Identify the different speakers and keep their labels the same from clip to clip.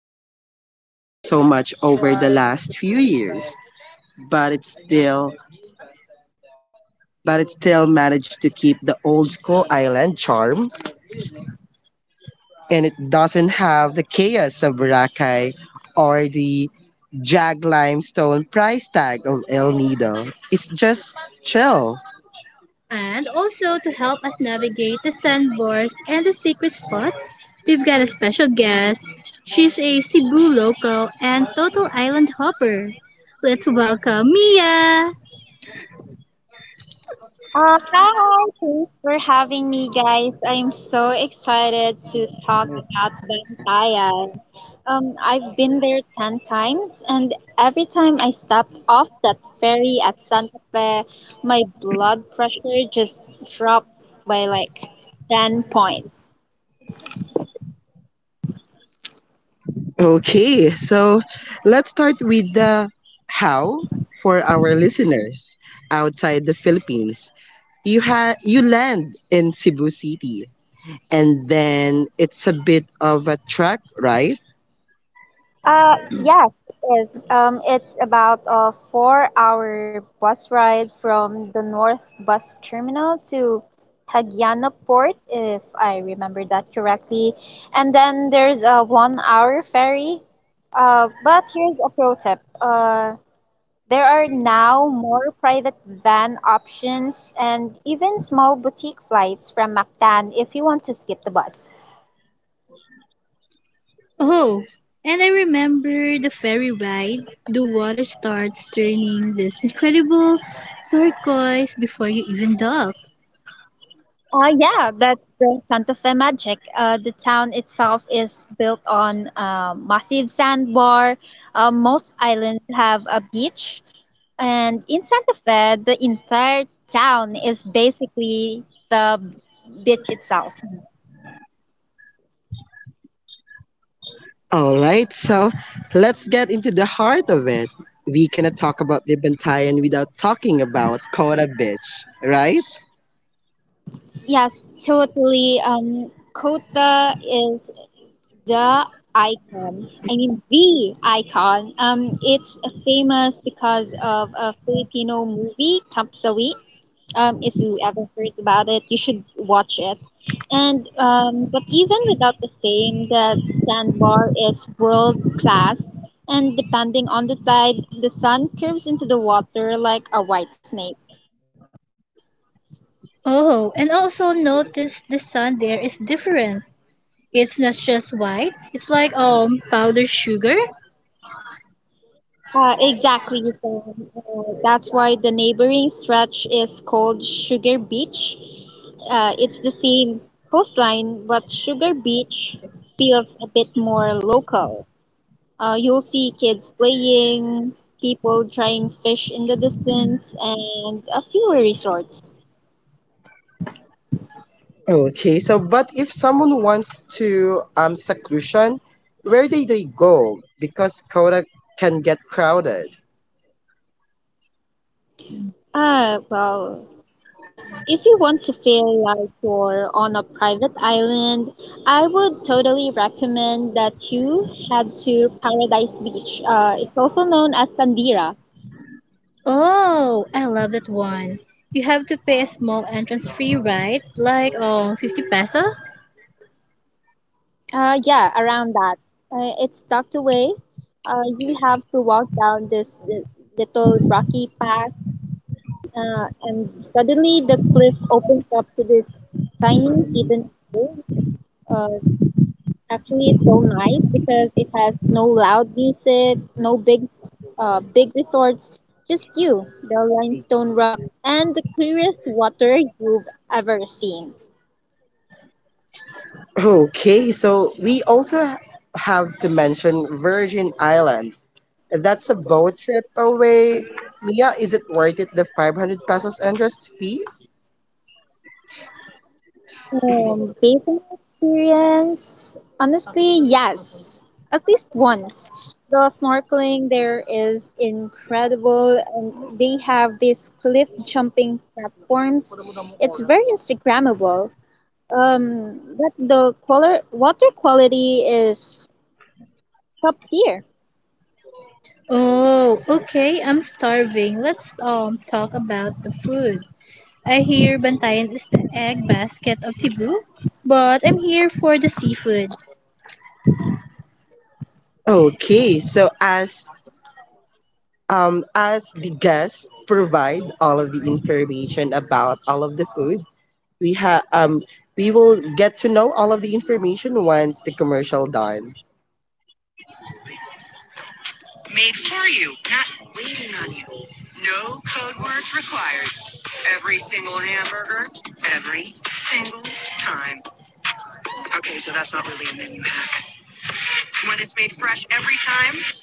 Speaker 1: Bantayan has changed so much over the last few years, but it's still but it still managed to keep the old school island charm, and it doesn't have the chaos of Boracay or the jag limestone price tag of El Nido. It's just chill. And also to help us navigate the sandbars and the secret spots, we've got a special guest. She's a Cebu local and total island hopper. Let's welcome Mia!
Speaker 2: Hi, thanks for having me, guys. I'm so excited to talk about Bantayan. I've been there 10 times, and every time I step off that ferry at Santa Fe, my blood pressure just drops by like 10 points.
Speaker 1: Okay, so let's start with the how for our listeners outside the Philippines. You land in Cebu City, and then it's a bit of a trek, right?
Speaker 2: Yes, it is. It's about a four-hour bus ride from the North Bus Terminal to Hagyana Port, if I remember that correctly. And then there's a one-hour ferry. But here's a pro tip. There are now more private van options and even small boutique flights from Mactan if you want to skip the bus.
Speaker 1: Oh, and I remember the ferry ride. The water starts turning this incredible turquoise before you even dock.
Speaker 2: Yeah, that's the Santa Fe magic. The town itself is built on a massive sandbar. Most islands have a beach. And in Santa Fe, the entire town is basically the beach itself.
Speaker 1: All right, so let's get into the heart of it. We cannot talk about the Bantayan without talking about Kora Beach, right?
Speaker 2: Yes, totally. Kota is the icon. I mean, the icon. It's famous because of a Filipino movie, Kampsawi. If you ever heard about it, you should watch it. And but even without the fame, that sandbar is world class. And depending on the tide, the sun curves into the water like a white snake.
Speaker 1: Oh, and also notice the sun there is different. It's not just white. It's like powdered sugar.
Speaker 2: Exactly, so that's why the neighboring stretch is called Sugar Beach. It's the same coastline, but Sugar Beach feels a bit more local. You'll see kids playing, people trying fish in the distance, and a few resorts.
Speaker 1: Okay, so but if someone wants to seclusion, where do they go? Because Kora can get crowded.
Speaker 2: Well, if you want to feel like you're on a private island, I would totally recommend that you head to Paradise Beach. It's also known as Sandira.
Speaker 1: Oh, I love that one. You have to pay a small entrance fee, right? Like 50 peso?
Speaker 2: Yeah, around that. It's tucked away. You have to walk down this little rocky path. And suddenly the cliff opens up to this tiny hidden. Uh, actually, it's so nice because it has no loud music, no big resorts, just you, the limestone rock, and the clearest water you've ever seen.
Speaker 1: Okay, so we also have to mention Virgin Island. That's a boat trip away. Mia, is it worth it, the 500 pesos entrance fee?
Speaker 2: Based on my experience, honestly, yes, at least once. The snorkeling there is incredible, and they have these cliff jumping platforms. It's very Instagrammable. But the color, water quality is top tier.
Speaker 1: Oh, okay, I'm starving. Let's talk about the food. I hear Bantayan is the egg basket of Cebu, but I'm here for the seafood. Okay, so as the guests provide all of the information about all of the food, we have um, we will get to know all of the information once the commercial done. Made for you, not waiting on you. No code words required. Every hamburger, every free time.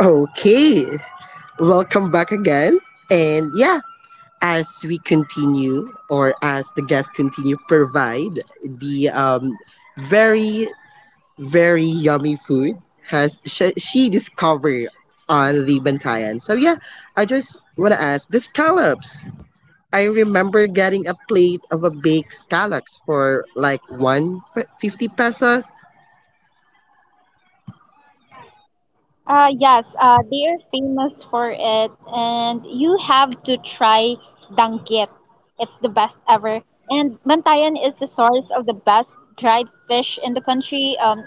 Speaker 1: Okay, welcome back again, and yeah. As we continue, or as the guests continue, provide the very very yummy food has she discovered on the Bantayan. So yeah, I just want to ask the scallops. I remember getting a plate of a baked scallops for like 150 pesos.
Speaker 2: Yes, they are famous for it, and you have to try danggit. It's the best ever. And Bantayan is the source of the best dried fish in the country. If I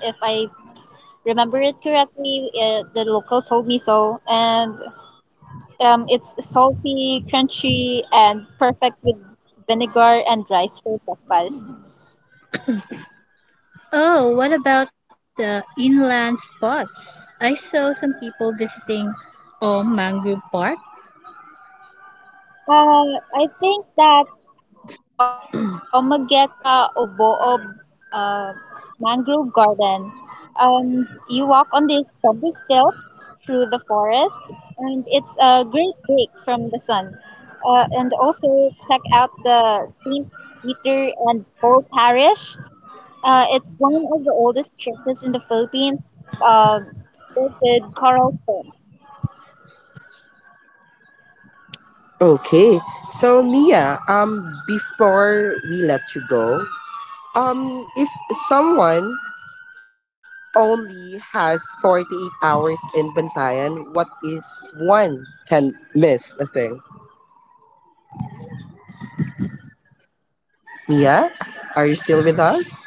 Speaker 2: remember it correctly, the local told me so. And it's salty, crunchy, and perfect with vinegar and rice for breakfast.
Speaker 1: Oh, what about the inland spots? I saw some people visiting Mangrove Park.
Speaker 2: Uh, I think that Omageka Oboob uh, Mangrove Garden. You walk on these cobblestone through the forest, and it's a great break from the sun. And also check out the St. Peter and Paul Parish. It's one of the oldest churches in the Philippines, um, built with coral stones.
Speaker 1: Okay, so Mia, before we let you go, if someone only has 48 hours in Bantayan, what is one can miss a thing? Mia, are you still with us?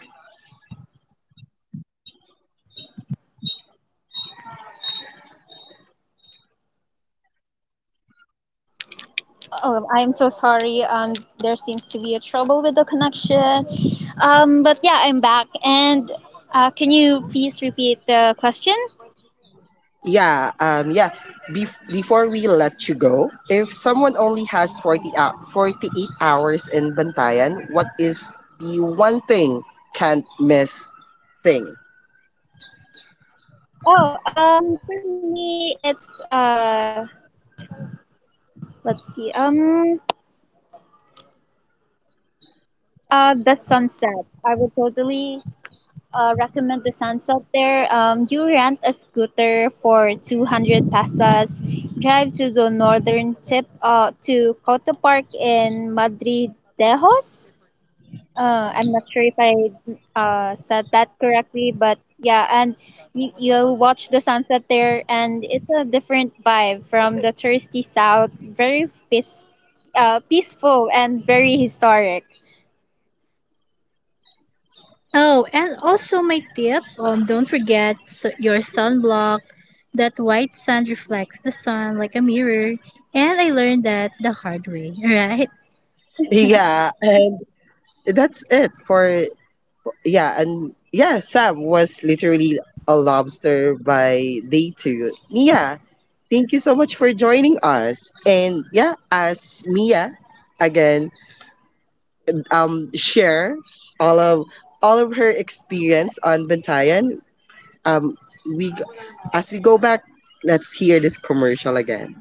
Speaker 2: Oh, I am so sorry. There seems to be a trouble with the connection. But yeah, I'm back. And can you please repeat the question?
Speaker 1: Yeah, yeah. Before we let you go, if someone only has 48 hours in Bantayan, what is the one thing can't miss thing?
Speaker 2: Oh, for me, it's let's see, um, the sunset. I would totally recommend the sunset there. You rent a scooter for 200 pesos, drive to the northern tip, to Coto Park in Madrid. Dejos. I'm not sure if I said that correctly, but yeah, and you watch the sunset there, and it's a different vibe from the thirsty south. Very peaceful and very historic.
Speaker 1: Oh, and also my tip, don't forget your sunblock. That white sand reflects the sun like a mirror. And I learned that the hard way, right? Yeah, that's it for yeah, and yeah, Sam was literally a lobster by day 2. Mia, thank you so much for joining us. And yeah, as Mia again share all of all of her experience on Bantayan. Um, we g- as we go back, let's hear this commercial again.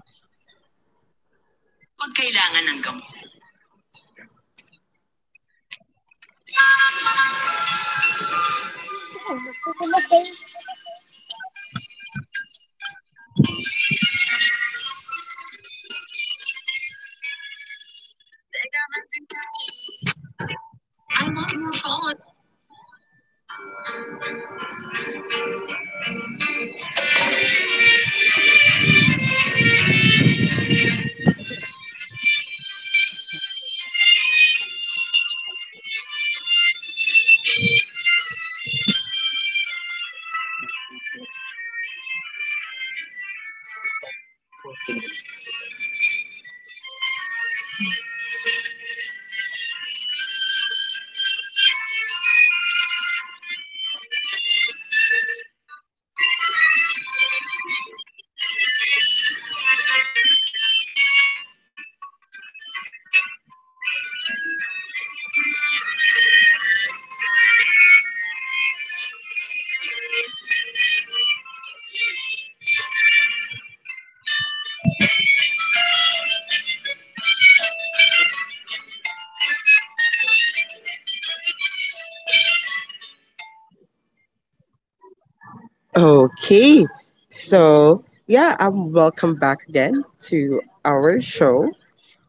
Speaker 1: Okay, so yeah, welcome back again to our show,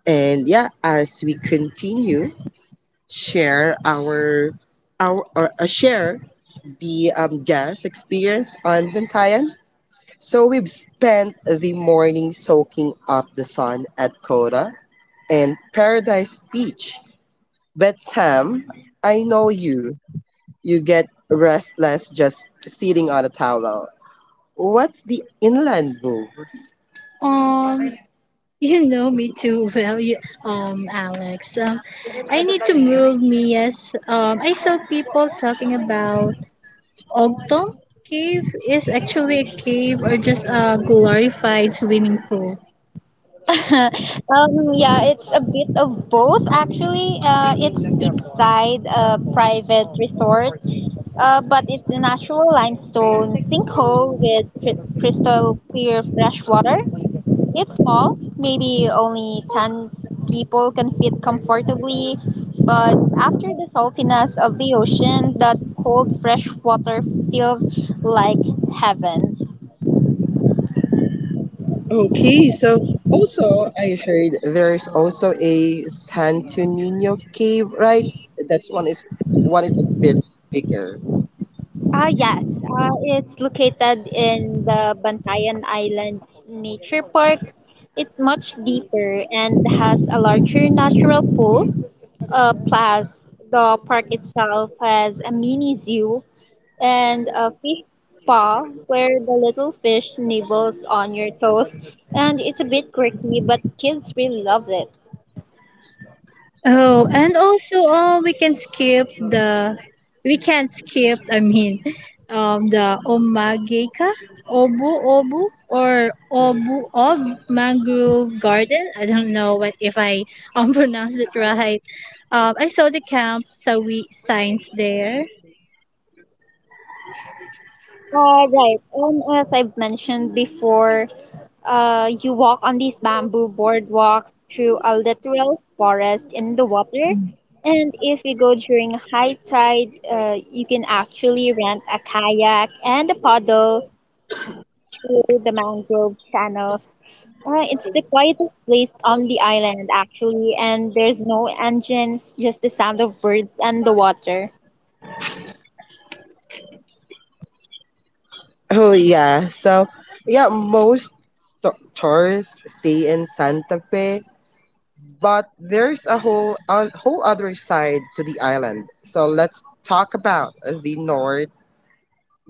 Speaker 1: and yeah, as we continue, share share the guest experience on Bantayan. So we've spent the morning soaking up the sun at Coda and Paradise Beach. But Sam, I know you. You get restless just sitting on a towel. What's the inland move? Um, you know me too well, Alex. I need to move me. Yes. I saw people talking about Ogtong Cave is actually a cave or just a glorified swimming pool.
Speaker 2: um, yeah, it's a bit of both actually. It's deep a private resort, but it's a natural limestone sinkhole with crystal clear fresh water. It's small, maybe only 10 people can fit comfortably, but after the saltiness of the ocean, that cold fresh water feels like heaven.
Speaker 1: Okay, so also I heard there's also a Santo Nino cave, right? That's one is a bit bigger.
Speaker 2: Yes, it's located in the Bantayan Island Nature Park. It's much deeper and has a larger natural pool. Plus, the park itself has a mini zoo and a fish spa where the little fish nibbles on your toes, and it's a bit quirky, but kids really love it.
Speaker 1: Oh, and also, oh, we can skip the, we can't skip. I mean, the omageka, obu ob mangrove garden. I don't know what if I pronounced it right. I saw the camp Sawi signs there.
Speaker 2: Right, and as I've mentioned before, you walk on these bamboo boardwalks through a literal forest in the water. And if you go during high tide, you can actually rent a kayak and a paddle through the mangrove channels. It's the quietest place on the island, actually, and there's no engines, just the sound of birds and the water.
Speaker 1: Oh yeah. So yeah, tourists stay in Santa Fe, but there's a whole other side to the island. So let's talk about the North,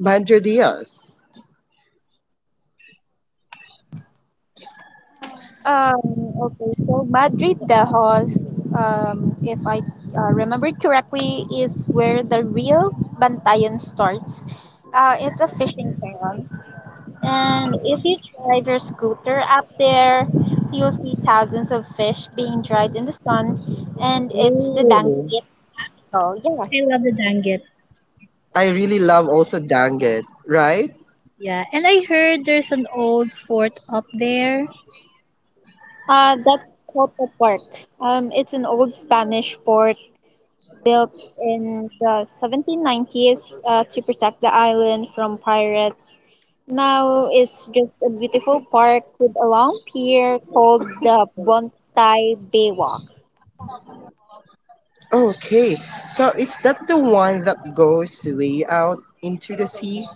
Speaker 1: Madre Diaz.
Speaker 2: Um, okay, so Madrid de Hos, if I remember correctly, is where the real Bantayan starts. It's a fishing town, and if you drive your scooter up there, you'll see thousands of fish being dried in the sun, and it's the dank. Oh, yeah.
Speaker 1: I love the Danggit. I really love also Danget, right? Yeah, and I heard there's an old fort up there.
Speaker 2: That's Cotoparque. It's an old Spanish fort built in the 1790s to protect the island from pirates. Now it's just a beautiful park with a long pier called the Bontay Baywalk.
Speaker 1: Okay, so is that the one that goes way out into the sea?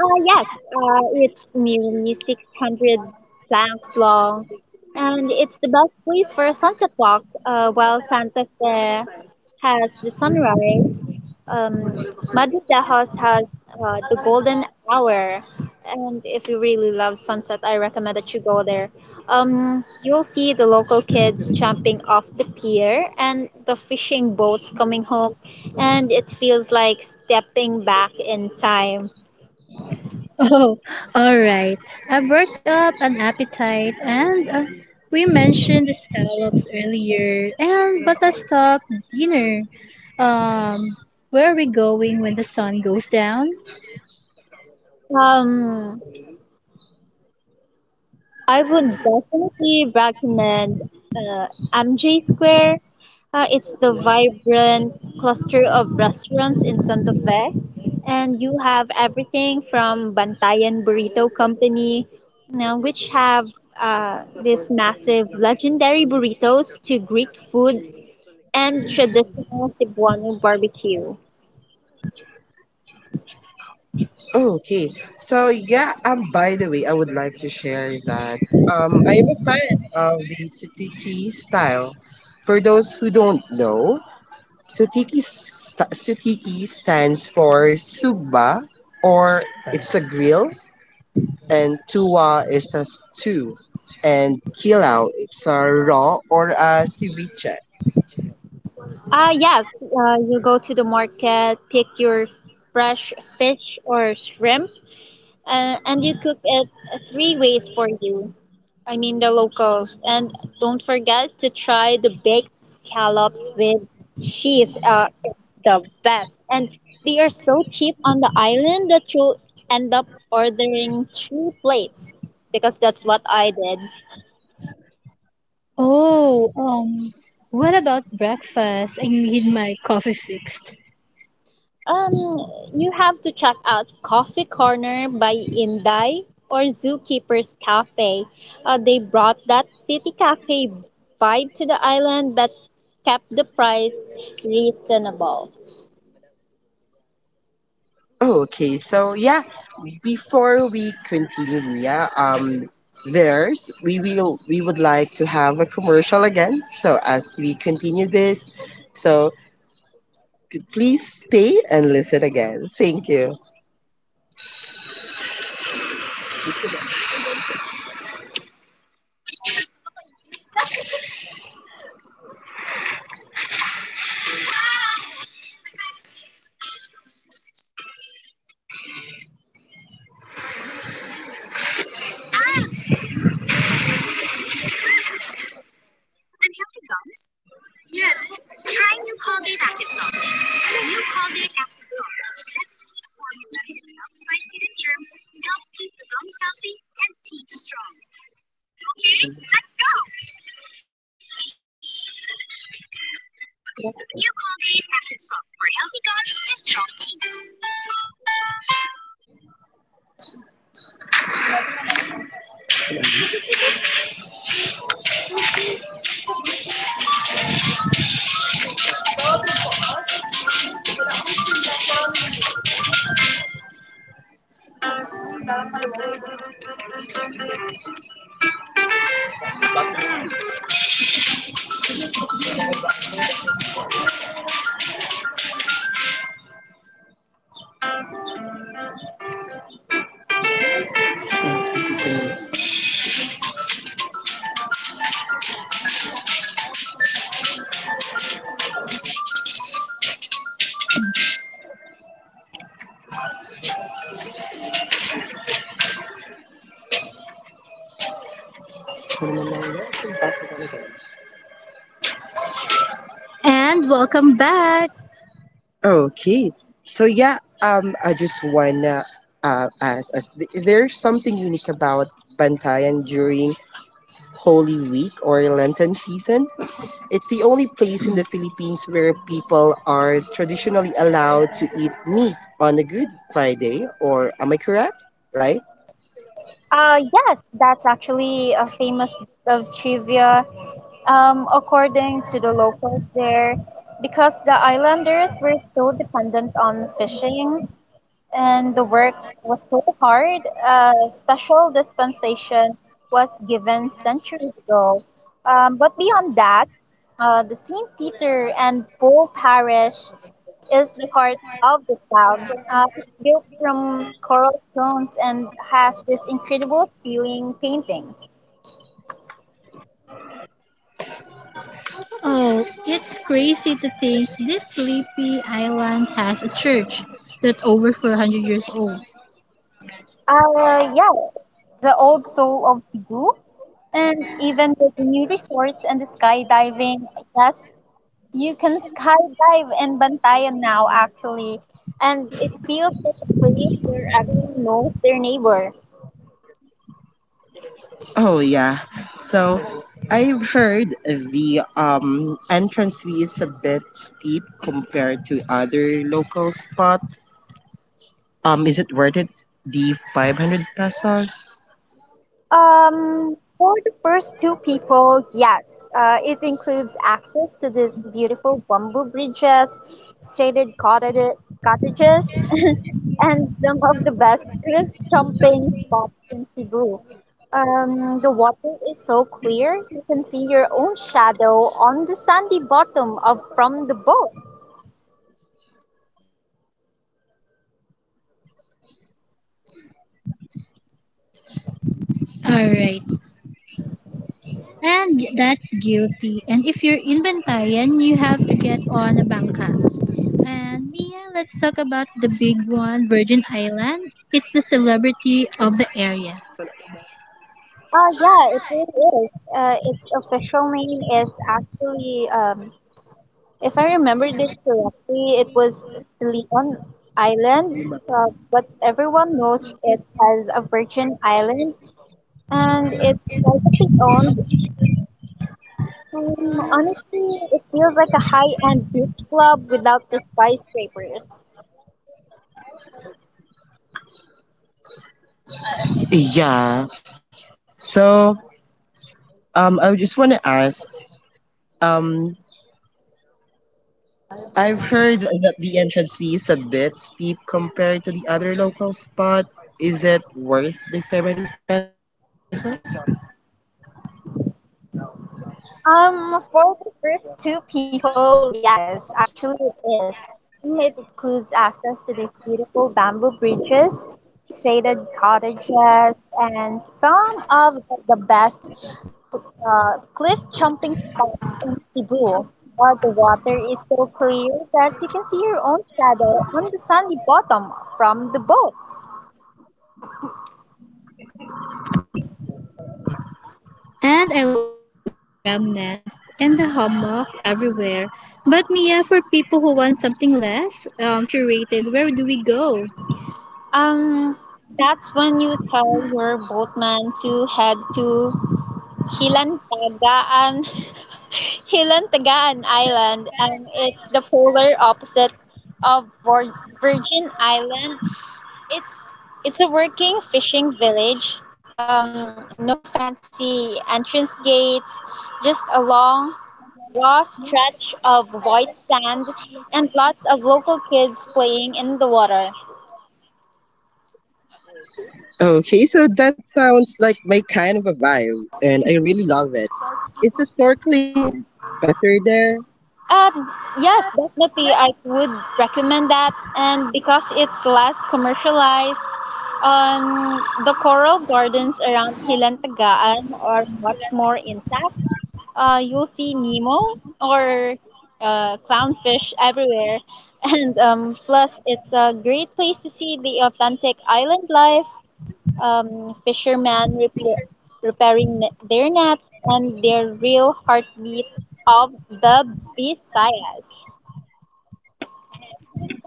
Speaker 2: Yes, it's nearly 600 planks long, and it's the best place for a sunset walk. While Santa Fe has the sunrise, Madre de Dios has the golden hour. And if you really love sunset, I recommend that you go there. You'll see the local kids jumping off the pier and the fishing boats coming home, and it feels like stepping back in time.
Speaker 1: Oh, all right. I've worked up an appetite, and we mentioned the scallops earlier. And but let's talk dinner. Um, where are we going when the sun goes down?
Speaker 2: Um, I would definitely recommend uh, MJ Square. It's the vibrant cluster of restaurants in Santa Fe, and you have everything from Bantayan Burrito Company, you know, which have these massive legendary burritos, to Greek food and traditional Cebuano barbecue.
Speaker 1: Oh, okay. So yeah, by the way, I would like to share that I am a fan of the Sutiki style. For those who don't know, Sutiki stands for sugba or it's a grill, and tuwa is a stew, and kilao it's a raw or a ceviche.
Speaker 2: Yes, you go to the market, pick your fresh fish or shrimp, and you cook it three ways for you. I mean the locals. And don't forget to try the baked scallops with cheese. It's the best. And they are so cheap on the island that you'll end up ordering three plates, because that's what I did.
Speaker 1: Oh, what about breakfast? I need my coffee fixed.
Speaker 2: Um, you have to check out Coffee Corner by Inday or Zookeeper's Cafe. They brought that city cafe vibe to the island but kept the price reasonable.
Speaker 1: Okay, so yeah, before we continue, Nia, there's we would like to have a commercial again. So as we continue this, so please stay and listen again. Thank you. And welcome back. Okay. So yeah, I just wanna ask, as there's something unique about Bantayan during Holy Week or Lenten season. It's the only place in the Philippines where people are traditionally allowed to eat meat on a Good Friday, or am I correct? Right?
Speaker 2: Yes, that's actually a famous bit of trivia, according to the locals there, because the islanders were so dependent on fishing, and the work was so hard. A special dispensation was given centuries ago. But beyond that, the St. Peter and Paul Parish is the heart of the town. It's built from coral stones and has this incredible feeling paintings.
Speaker 1: Oh, it's crazy to think this sleepy island has a church that's over 400 years old.
Speaker 2: Yeah, it's the old soul of Cebu. And even with the new resorts and the skydiving, yes, you can skydive in Bantayan now, actually, and it feels like a place where everyone knows their neighbor.
Speaker 1: Oh yeah. So I've heard the entrance fee is a bit steep compared to other local spot. Is it worth it? The 500 pesos.
Speaker 2: For the first two people, yes, it includes access to these beautiful bamboo bridges, shaded cottages, and some of the best cliff jumping spots in Cebu. The water is so clear, you can see your own shadow on the sandy bottom of from the boat.
Speaker 1: Alright, and that's guilty. And if you're inventarian, you have to get on a bangka. And Mia, let's talk about the big one, Virgin Island. It's the celebrity of the area.
Speaker 2: Yeah, it really is. Its official name is actually, if I remember this correctly, it was Leon Island, but everyone knows it as a Virgin Island, and it's privately owned. Honestly, it feels like a high-end beach club without the skyscrapers.
Speaker 1: Yeah. So I just want to ask um, I've heard that the entrance fee is a bit steep compared to the other local spot. Is it worth the 500 pesos?
Speaker 2: For the first two people, yes, actually it is. It includes access to these beautiful bamboo bridges, shaded cottages, and some of the best cliff jumping spots in Cebu, where the water is so clear that you can see your own shadow on the sandy bottom from the boat.
Speaker 1: And I love the Instagram nest and the hammock everywhere. But Mia, for people who want something less curated, where do we go?
Speaker 2: Um, that's when you tell your boatman to head to Hilantagaan Hilantagaan Island. It's the polar opposite of Virgin Island. It's it's a working fishing village. No fancy entrance gates, just a long raw stretch of white sand and lots of local kids playing in the water.
Speaker 1: Okay, so that sounds like my kind of a vibe, and I really love it. Is the snorkeling better there?
Speaker 2: Um, yes, definitely. I would recommend that. And because it's less commercialized, um, the coral gardens around Hilantagaan are much more intact. You'll see Nemo or clownfish everywhere. And plus, it's a great place to see the authentic island life, fishermen repairing their nets and their real heartbeat of the Visayas.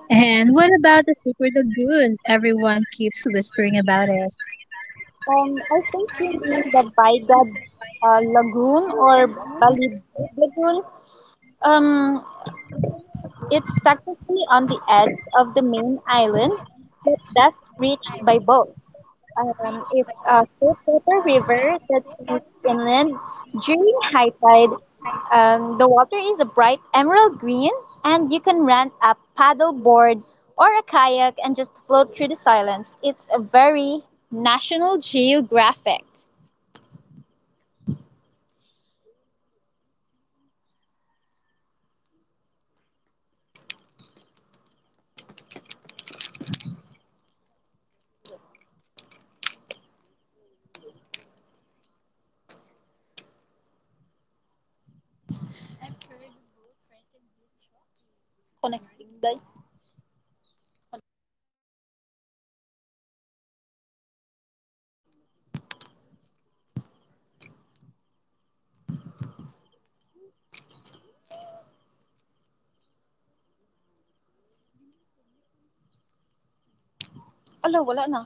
Speaker 1: And what about the secret lagoon? Everyone keeps whispering about
Speaker 2: I think you mean the Baygad Lagoon or Balid Lagoon. Um, it's technically on the edge of the main island, but best reached by boat. It's a saltwater river that sneaks inland during high tide. The water is a bright emerald green, and you can rent a paddle board or a kayak and just float through the silence. It's a very National
Speaker 1: it.
Speaker 2: Geographic.
Speaker 1: Kaya na connecting. Gali connecting ko. Wala ko sa connect mo. Wala na itong wala. Sige lang. Pwede sa kadagan mo na. Dinato sa ano nilang balya. Hindi na. Fuck. I've heard the boat ride can be choppy.
Speaker 2: Day.
Speaker 1: Is it worth the splash? You're connecting na. Ay, nagka-reconnecting na. Kaginap na mo. Parang
Speaker 2: Ala, wala na.